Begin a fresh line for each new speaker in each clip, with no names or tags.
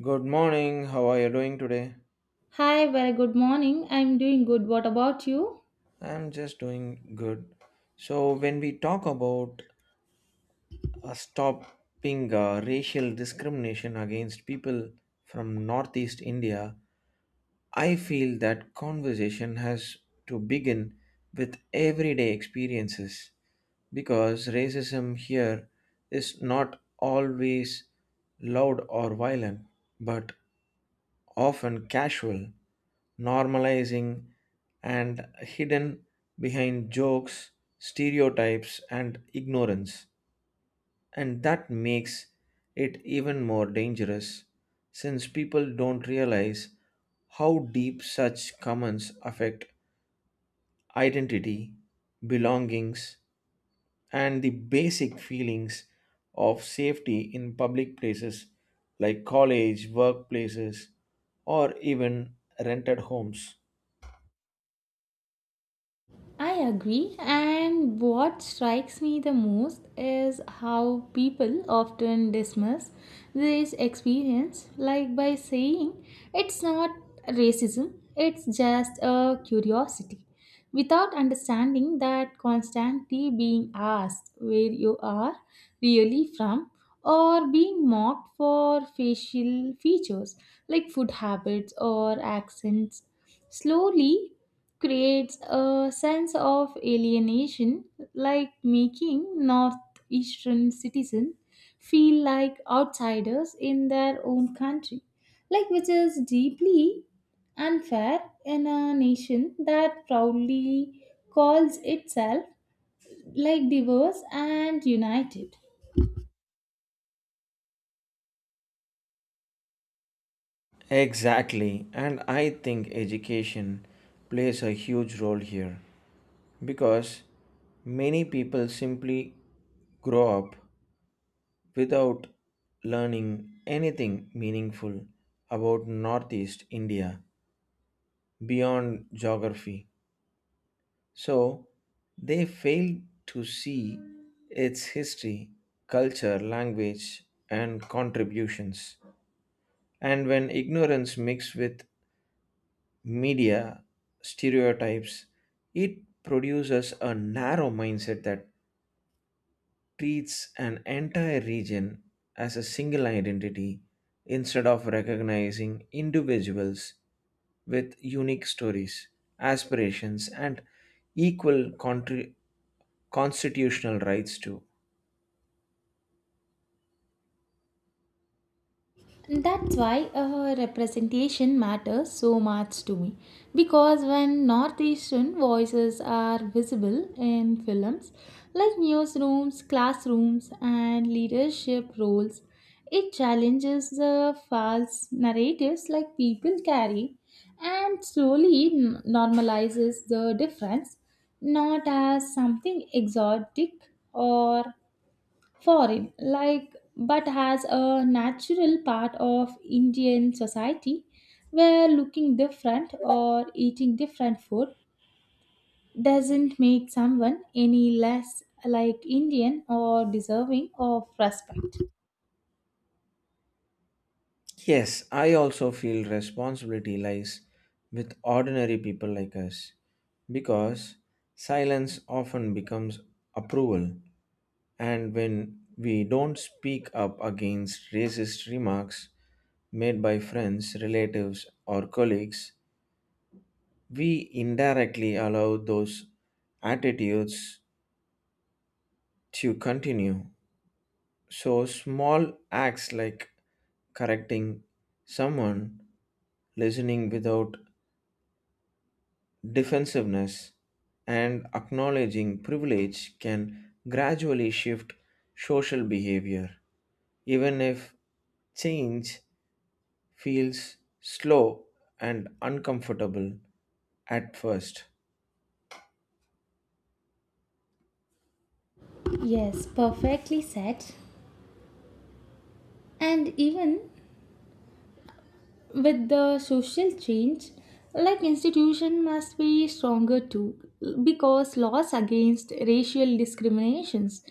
Good morning. How are you doing today?
Hi, very good morning. I'm doing good. What about you?
I'm just doing good. So, when we talk about stopping racial discrimination against people from Northeast India, I feel that conversation has to begin with everyday experiences because racism here is not always loud or violent, but often casual, normalizing, and hidden behind jokes, stereotypes, and ignorance. And that makes it even more dangerous since people don't realize how deep such comments affect identity, belongings, and the basic feelings of safety in public places like college, workplaces, or even rented homes.
I agree, and what strikes me the most is how people often dismiss this experience, like by saying it's not racism, it's just a curiosity, without understanding that constantly being asked where you are really from or being mocked for facial features like food habits or accents slowly creates a sense of alienation, like making Northeastern citizens feel like outsiders in their own country, like which is deeply unfair in a nation that proudly calls itself like diverse and united.
Exactly, and I think education plays a huge role here because many people simply grow up without learning anything meaningful about Northeast India beyond geography. So they fail to see its history, culture, language, and contributions. And when ignorance mixed with media stereotypes, it produces a narrow mindset that treats an entire region as a single identity instead of recognizing individuals with unique stories, aspirations, and equal contri- constitutional rights too.
That's why representation matters so much to me. Because when Northeastern voices are visible in films like newsrooms, classrooms, and leadership roles, it challenges the false narratives like people carry and slowly normalizes the difference not as something exotic or foreign, like, but as a natural part of Indian society where looking different or eating different food doesn't make someone any less like Indian or deserving of respect.
Yes, I also feel responsibility lies with ordinary people like us because silence often becomes approval, and when we don't speak up against racist remarks made by friends, relatives, or colleagues, we indirectly allow those attitudes to continue. So, small acts like correcting someone, listening without defensiveness, and acknowledging privilege can gradually shift social behavior, even if change feels slow and uncomfortable at first.
Yes, perfectly said. And even with the social change, like institution must be stronger too, because laws against racial discriminations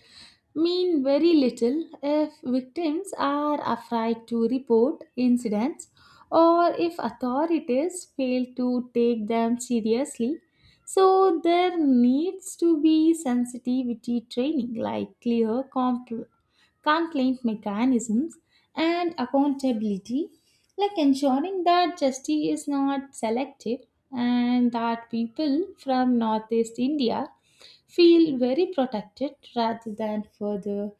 mean very little if victims are afraid to report incidents or if authorities fail to take them seriously. So there needs to be sensitivity training, like clear complaint mechanisms, and accountability, like ensuring that justice is not selective and that people from Northeast India feel very protected rather than further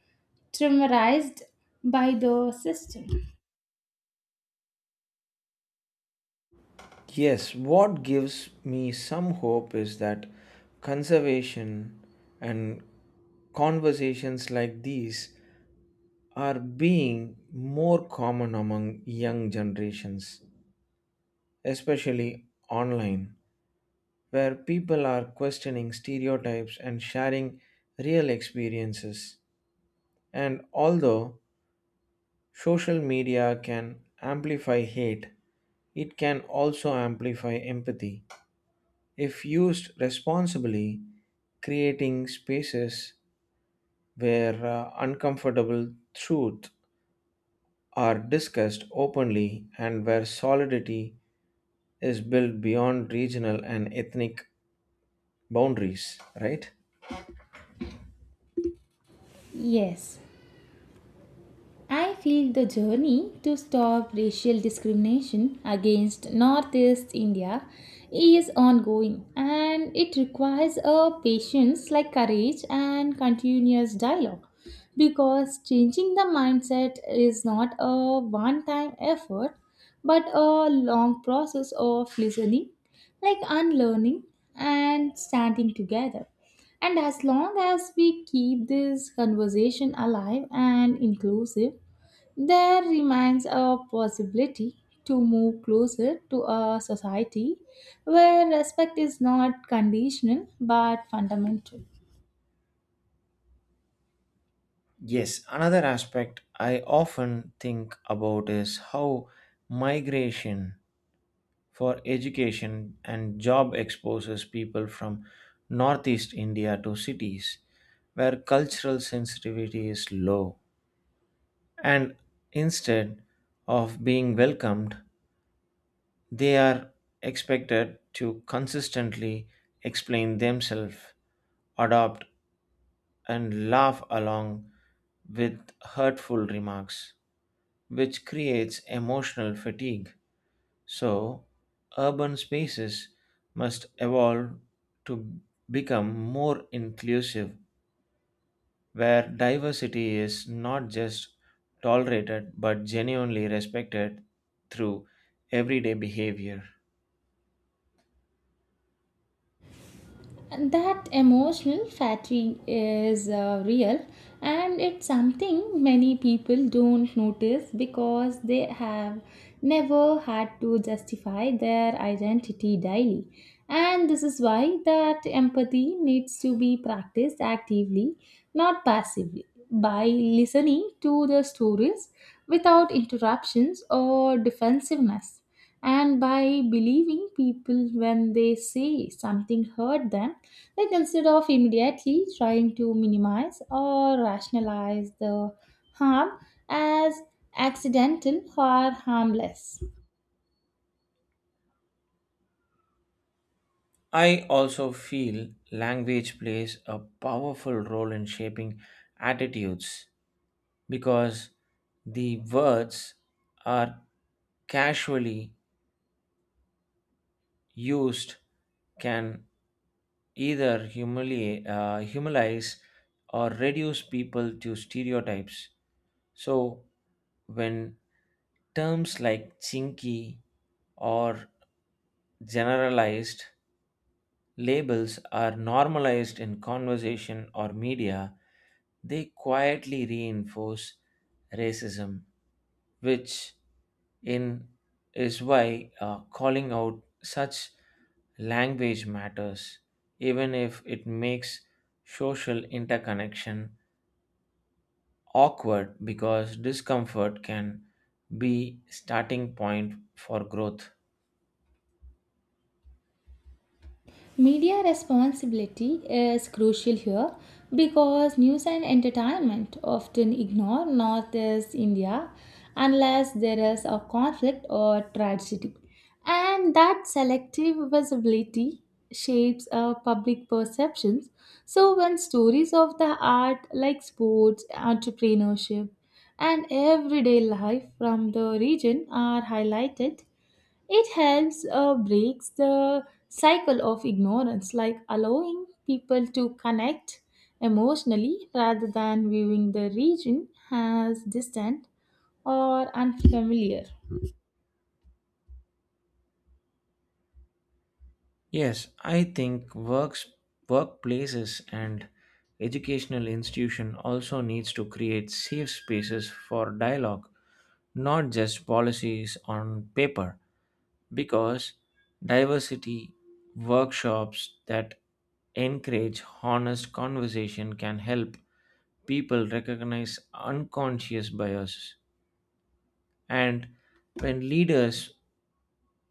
traumatized by the system.
Yes, what gives me some hope is that conservation and conversations like these are being more common among young generations especially online, where people are questioning stereotypes and sharing real experiences. And although social media can amplify hate, it can also amplify empathy. If used responsibly, creating spaces where uncomfortable truth are discussed openly and where solidity is built beyond regional and ethnic boundaries, right?
Yes. I feel the journey to stop racial discrimination against Northeast India is ongoing and it requires a patience like courage and continuous dialogue, because changing the mindset is not a one time effort but a long process of listening, like unlearning and standing together. And as long as we keep this conversation alive and inclusive, there remains a possibility to move closer to a society where respect is not conditional but fundamental.
Yes, another aspect I often think about is how migration for education and job exposes people from northeast India to cities where cultural sensitivity is low. And instead of being welcomed, they are expected to consistently explain themselves, adopt, and laugh along with hurtful remarks which creates emotional fatigue. So, urban spaces must evolve to become more inclusive, where diversity is not just tolerated but genuinely respected through everyday behavior.
And that emotional fatigue is real, and it's something many people don't notice because they have never had to justify their identity daily. And this is why that empathy needs to be practiced actively, not passively, by listening to the stories without interruptions or defensiveness and by believing people when they say something hurt them, like instead of immediately trying to minimize or rationalize the harm as accidental or harmless.
I also feel language plays a powerful role in shaping attitudes because the words are casually used can either humiliate, humanize or reduce people to stereotypes. So, when terms like chinky or generalized labels are normalized in conversation or media, they quietly reinforce racism, which in is why calling out such language matters, even if it makes social interconnection awkward because discomfort can be starting point for growth.
Media responsibility is crucial here because news and entertainment often ignore Northeast India unless there is a conflict or tragedy. And that selective visibility shapes our public perceptions. So, when stories of the art like sports, entrepreneurship, and everyday life from the region are highlighted, it helps breaks the cycle of ignorance, like allowing people to connect emotionally rather than viewing the region as distant or unfamiliar.
Yes, I think works workplaces and educational institution also needs to create safe spaces for dialogue, not just policies on paper, because diversity workshops that encourage honest conversation can help people recognize unconscious biases and when leaders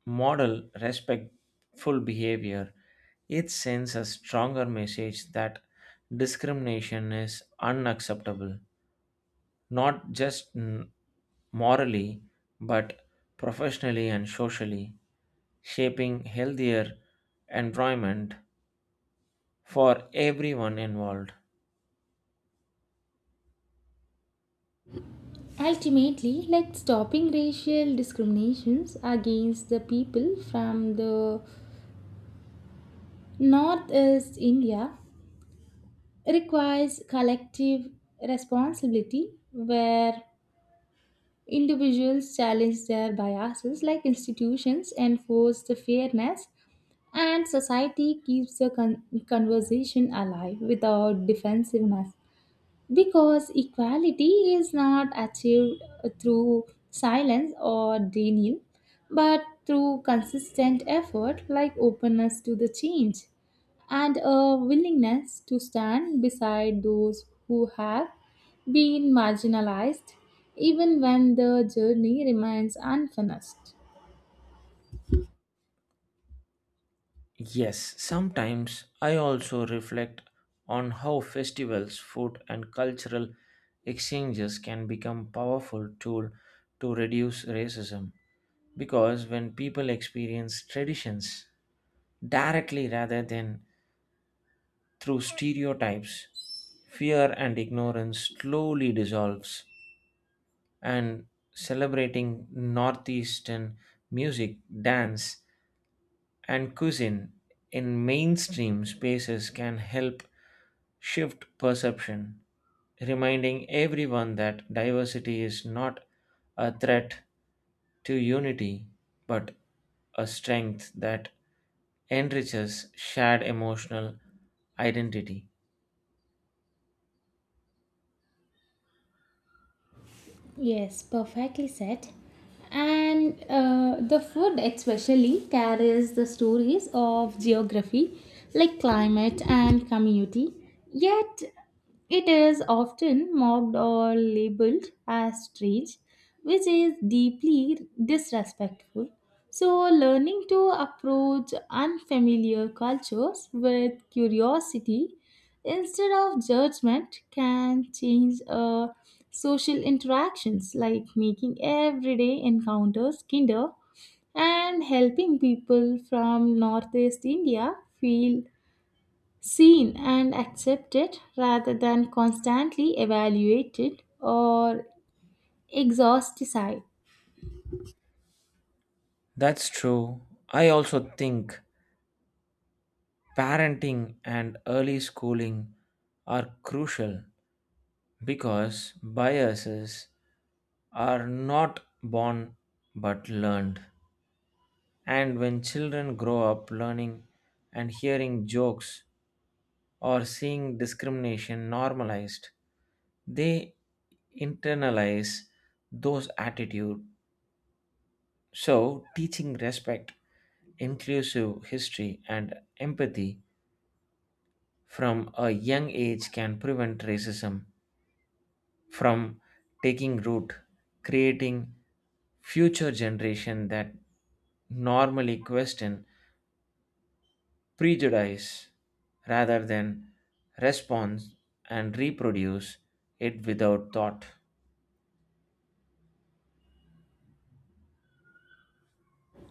model respectful behavior, it sends a stronger message that discrimination is unacceptable, not just morally, but professionally and socially, shaping healthier environment for everyone involved.
Ultimately, like stopping racial discriminations against the people from the Northeast India requires collective responsibility where individuals challenge their biases, like institutions enforce the fairness and society keeps the conversation alive without defensiveness. Because equality is not achieved through silence or denial, but through consistent effort like openness to the change and a willingness to stand beside those who have been marginalized, even when the journey remains unfinished.
Yes, sometimes I also reflect on how festivals, food, and cultural exchanges can become powerful tool to reduce racism because when people experience traditions directly rather than through stereotypes, fear and ignorance slowly dissolves and celebrating northeastern music, dance, and cuisine in mainstream spaces can help shift perception, reminding everyone that diversity is not a threat to unity, but a strength that enriches shared emotional identity.
Yes, perfectly said. And the food, especially, carries the stories of geography, like climate and community. Yet, it is often mocked or labeled as strange, which is deeply disrespectful. So, learning to approach unfamiliar cultures with curiosity instead of judgment can change social interactions, like making everyday encounters kinder and helping people from Northeast India feel seen and accepted rather than constantly evaluated or exhausted.
That's true. I also think parenting and early schooling are crucial because biases are not born but learned. And when children grow up learning and hearing jokes or seeing discrimination normalized, they internalize those attitudes. So, teaching respect, inclusive history, and empathy from a young age can prevent racism from taking root, creating future generation that normally question prejudice rather than response and reproduce it without thought.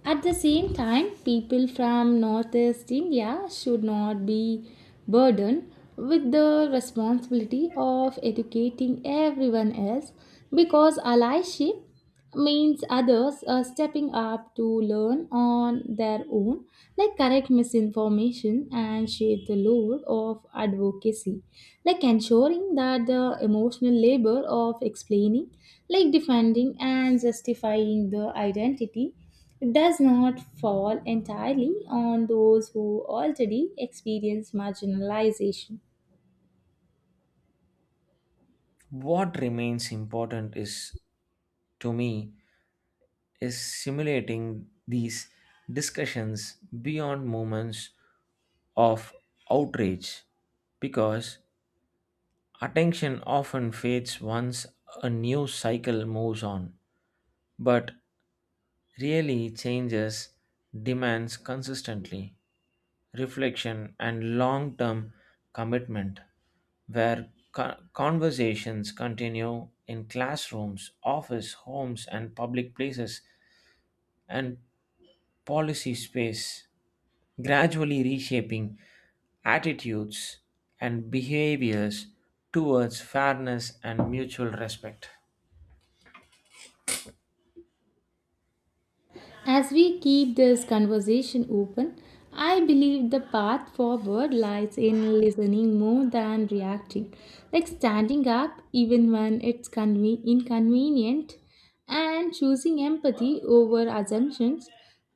At the same time, people from Northeast India should not be burdened with the responsibility of educating everyone else, because allyship means others are stepping up to learn on their own, like correct misinformation and share the load of advocacy, like ensuring that the emotional labor of explaining, like defending and justifying the identity does not fall entirely on those who already experience marginalization.
What remains important is to me is simulating these discussions beyond moments of outrage because attention often fades once a news cycle moves on but really changes demands consistently reflection, and long term commitment, where conversations continue in classrooms, office, homes, and public places, and policy space, gradually reshaping attitudes and behaviors towards fairness and mutual respect.
As we keep this conversation open, I believe the path forward lies in listening more than reacting, like standing up even when it's inconvenient and choosing empathy over assumptions,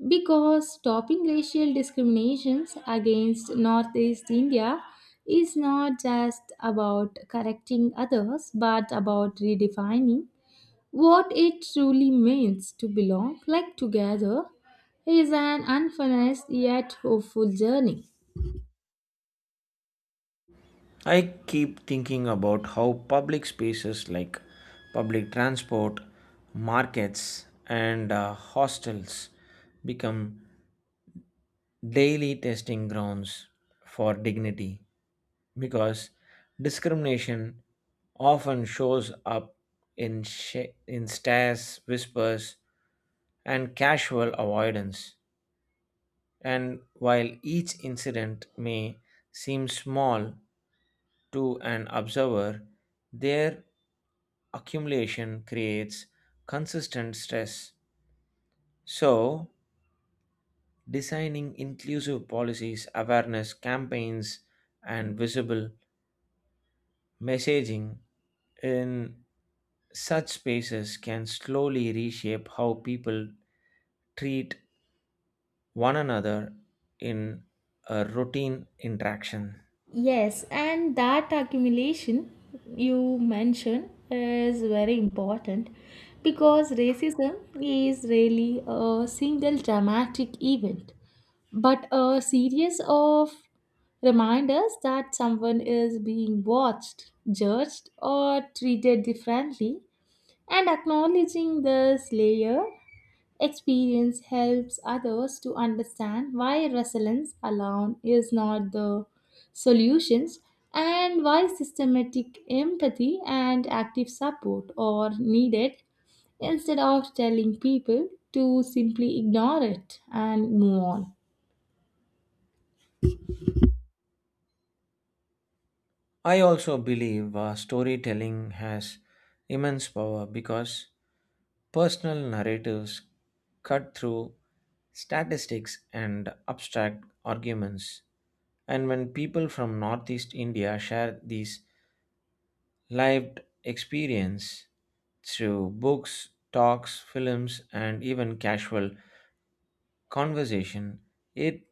because stopping racial discriminations against Northeast India is not just about correcting others but about redefining what it truly means to belong, like together, is an unfinished yet hopeful journey.
I keep thinking about how public spaces like public transport, markets, and hostels become daily testing grounds for dignity because discrimination often shows up in, in stares, whispers, and casual avoidance. And while each incident may seem small, to an observer, their accumulation creates consistent stress. So, designing inclusive policies, awareness campaigns, and visible messaging in such spaces can slowly reshape how people treat one another in a routine interaction.
Yes, and that accumulation you mentioned is very important, because racism is really a single dramatic event, but a series of reminders that someone is being watched, judged, or treated differently, and acknowledging this layer experience helps others to understand why resilience alone is not the solutions and why systematic empathy and active support are needed instead of telling people to simply ignore it and move on.
I also believe storytelling has immense power because personal narratives cut through statistics and abstract arguments. And when people from Northeast India share these lived experience through books, talks, films, and even casual conversation, it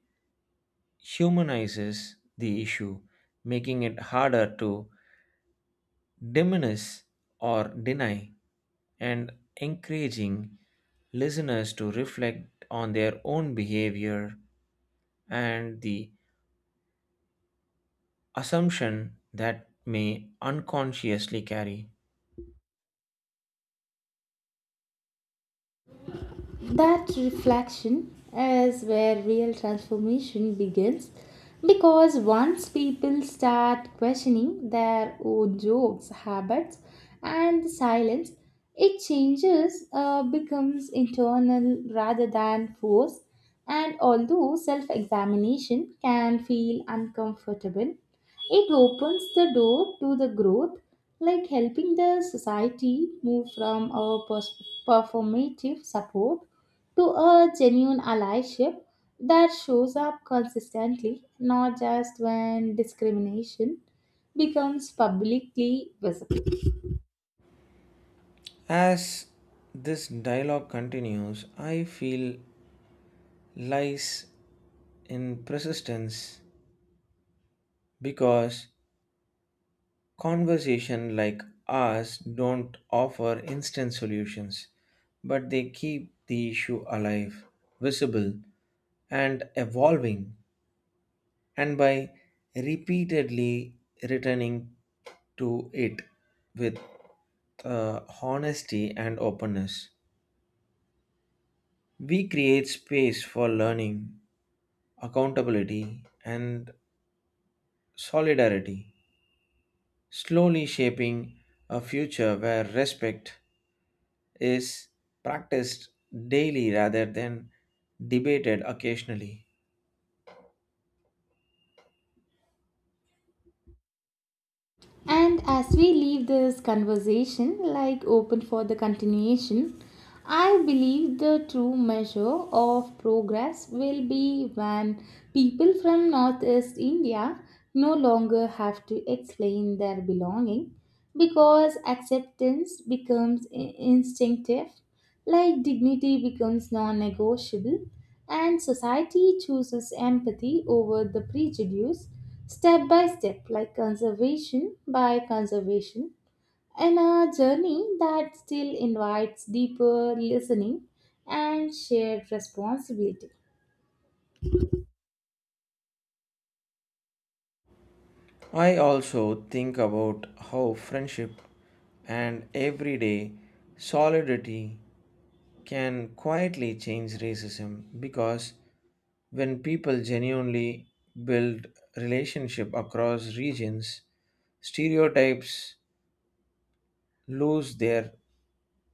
humanizes the issue, making it harder to diminish or deny and encouraging listeners to reflect on their own behavior and the assumption that may unconsciously carry.
That reflection is where real transformation begins, because once people start questioning their own jokes, habits, and silence, it changes, becomes internal rather than forced. And although self examination can feel uncomfortable, it opens the door to the growth, like helping the society move from a performative support to a genuine allyship that shows up consistently, not just when discrimination becomes publicly visible.
As this dialogue continues, I feel lies in persistence because conversation like ours don't offer instant solutions, but they keep the issue alive, visible, and evolving and by repeatedly returning to it with honesty and openness. We create space for learning, accountability, and solidarity, slowly shaping a future where respect is practiced daily rather than debated occasionally.
And as we leave this conversation, like open for the continuation, I believe the true measure of progress will be when people from Northeast India no longer have to explain their belonging because acceptance becomes instinctive, like dignity becomes non negotiable, and society chooses empathy over the prejudice step by step, like conservation by conservation, in a journey that still invites deeper listening and shared responsibility.
I also think about how friendship and everyday solidarity can quietly change racism because when people genuinely build relationship across regions stereotypes lose their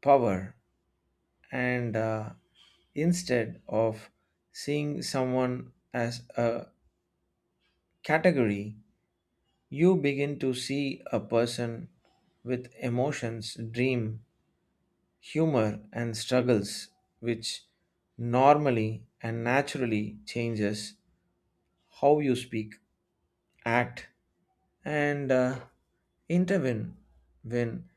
power and instead of seeing someone as a category you begin to see a person with emotions dream humor and struggles which normally and naturally changes how you speak, act, and intervene when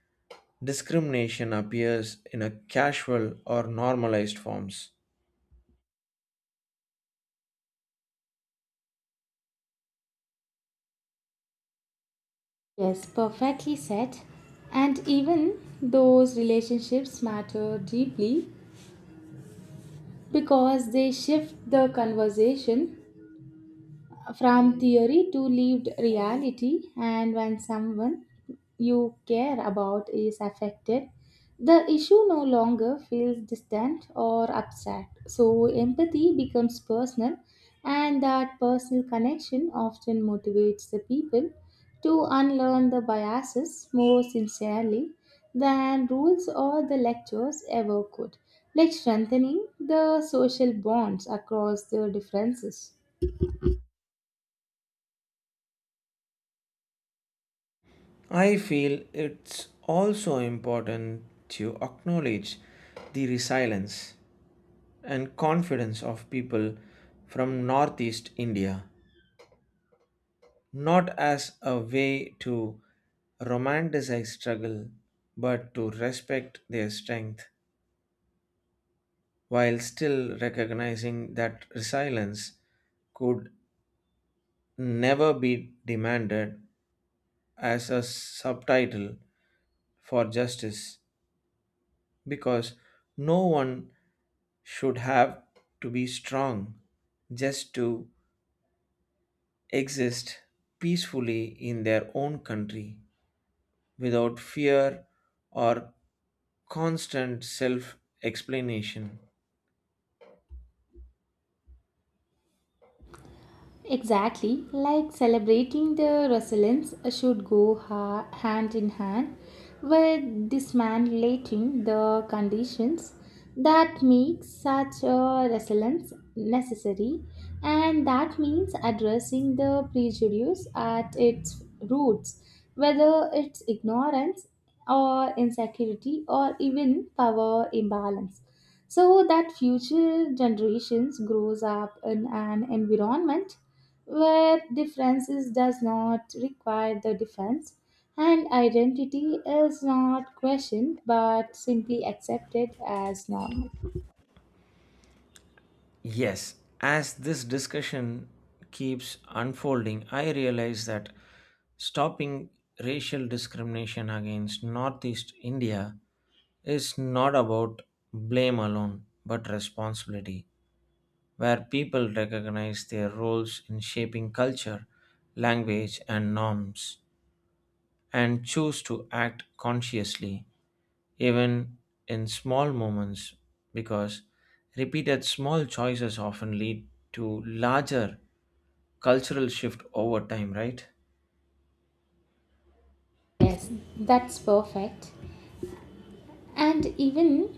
discrimination appears in a casual or normalized forms.
Yes, perfectly said. And even those relationships matter deeply, because they shift the conversation from theory to lived reality, and when someone you care about is affected, the issue no longer feels distant or abstract. So, empathy becomes personal, and that personal connection often motivates the people to unlearn the biases more sincerely than rules or the lectures ever could, like strengthening the social bonds across the differences.
I feel it's also important to acknowledge the resilience and confidence of people from Northeast India, not as a way to romanticize struggle, but to respect their strength while still recognizing that resilience could never be demanded as a subtitle for justice because no one should have to be strong just to exist peacefully in their own country without fear or constant self explanation.
Exactly, like celebrating the resilience should go hand in hand with dismantling the conditions that make such a resilience necessary, and that means addressing the prejudice at its roots, whether it's ignorance or insecurity or even power imbalance, so that future generations grows up in an environment where differences does not require the defense and identity is not questioned but simply accepted as normal.
Yes, as this discussion keeps unfolding, I realize that stopping racial discrimination against Northeast India is not about blame alone, but responsibility, where people recognize their roles in shaping culture, language, and norms, and choose to act consciously even in small moments, because repeated small choices often lead to larger cultural shift over time, right?
Yes, that's perfect. And even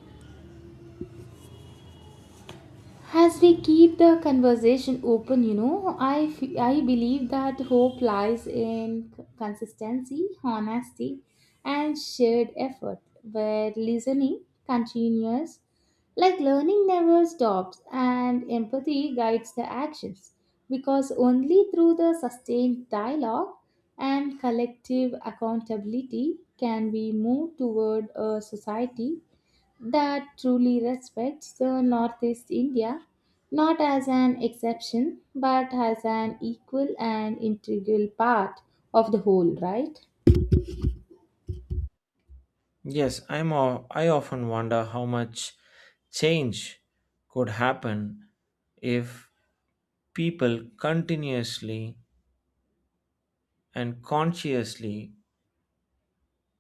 as we keep the conversation open, I believe that hope lies in consistency, honesty, and shared effort, where listening continues, like learning never stops, and empathy guides the actions. Because only through the sustained dialogue and collective accountability can we move toward a society that truly respects the Northeast India not as an exception but as an equal and integral part of the whole, right?
Yes, I often wonder how much change could happen if people continuously and consciously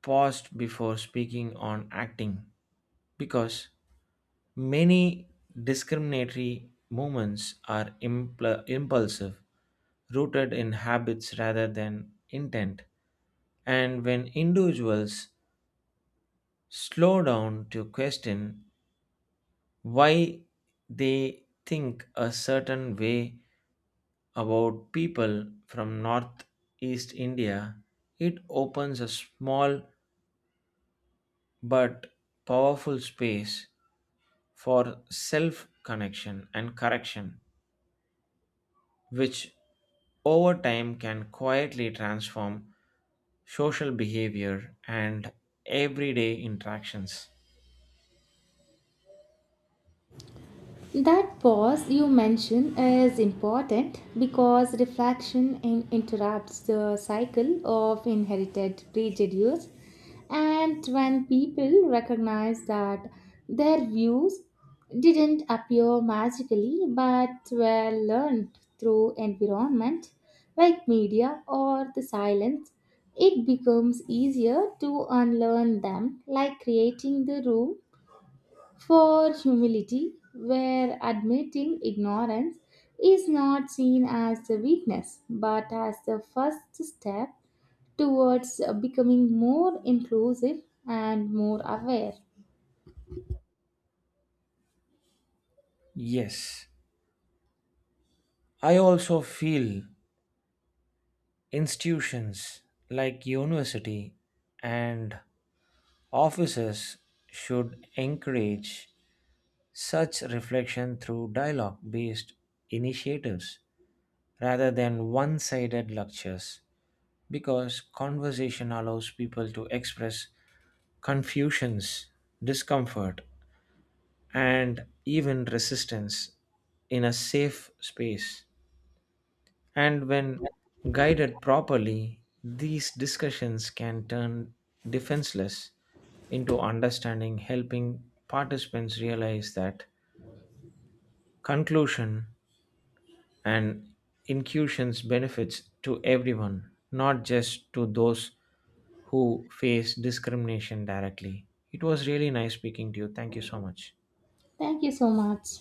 paused before speaking on acting because many discriminatory movements are impulsive rooted in habits rather than intent. And when individuals slow down to question why they think a certain way about people from Northeast India, it opens a small but powerful space for self connection and correction, which over time can quietly transform social behavior, and everyday interactions.
That pause you mention is important because reflection interrupts the cycle of inherited prejudice, and when people recognize that their views didn't appear magically but were learned through environment like media or the silence, it becomes easier to unlearn them, like creating the room for humility, where admitting ignorance is not seen as a weakness but as the first step towards becoming more inclusive and more aware.
Yes, I also feel institutions like university and offices should encourage such reflection through dialogue based initiatives rather than one sided lectures because conversation allows people to express confusions, discomfort, and even resistance in a safe space. And when guided properly, these discussions can turn defenseless into understanding, helping participants realize that conclusion and inclusions benefits to everyone, not just to those who face discrimination directly. It was really nice speaking to you. Thank you so much.
Thank you so much.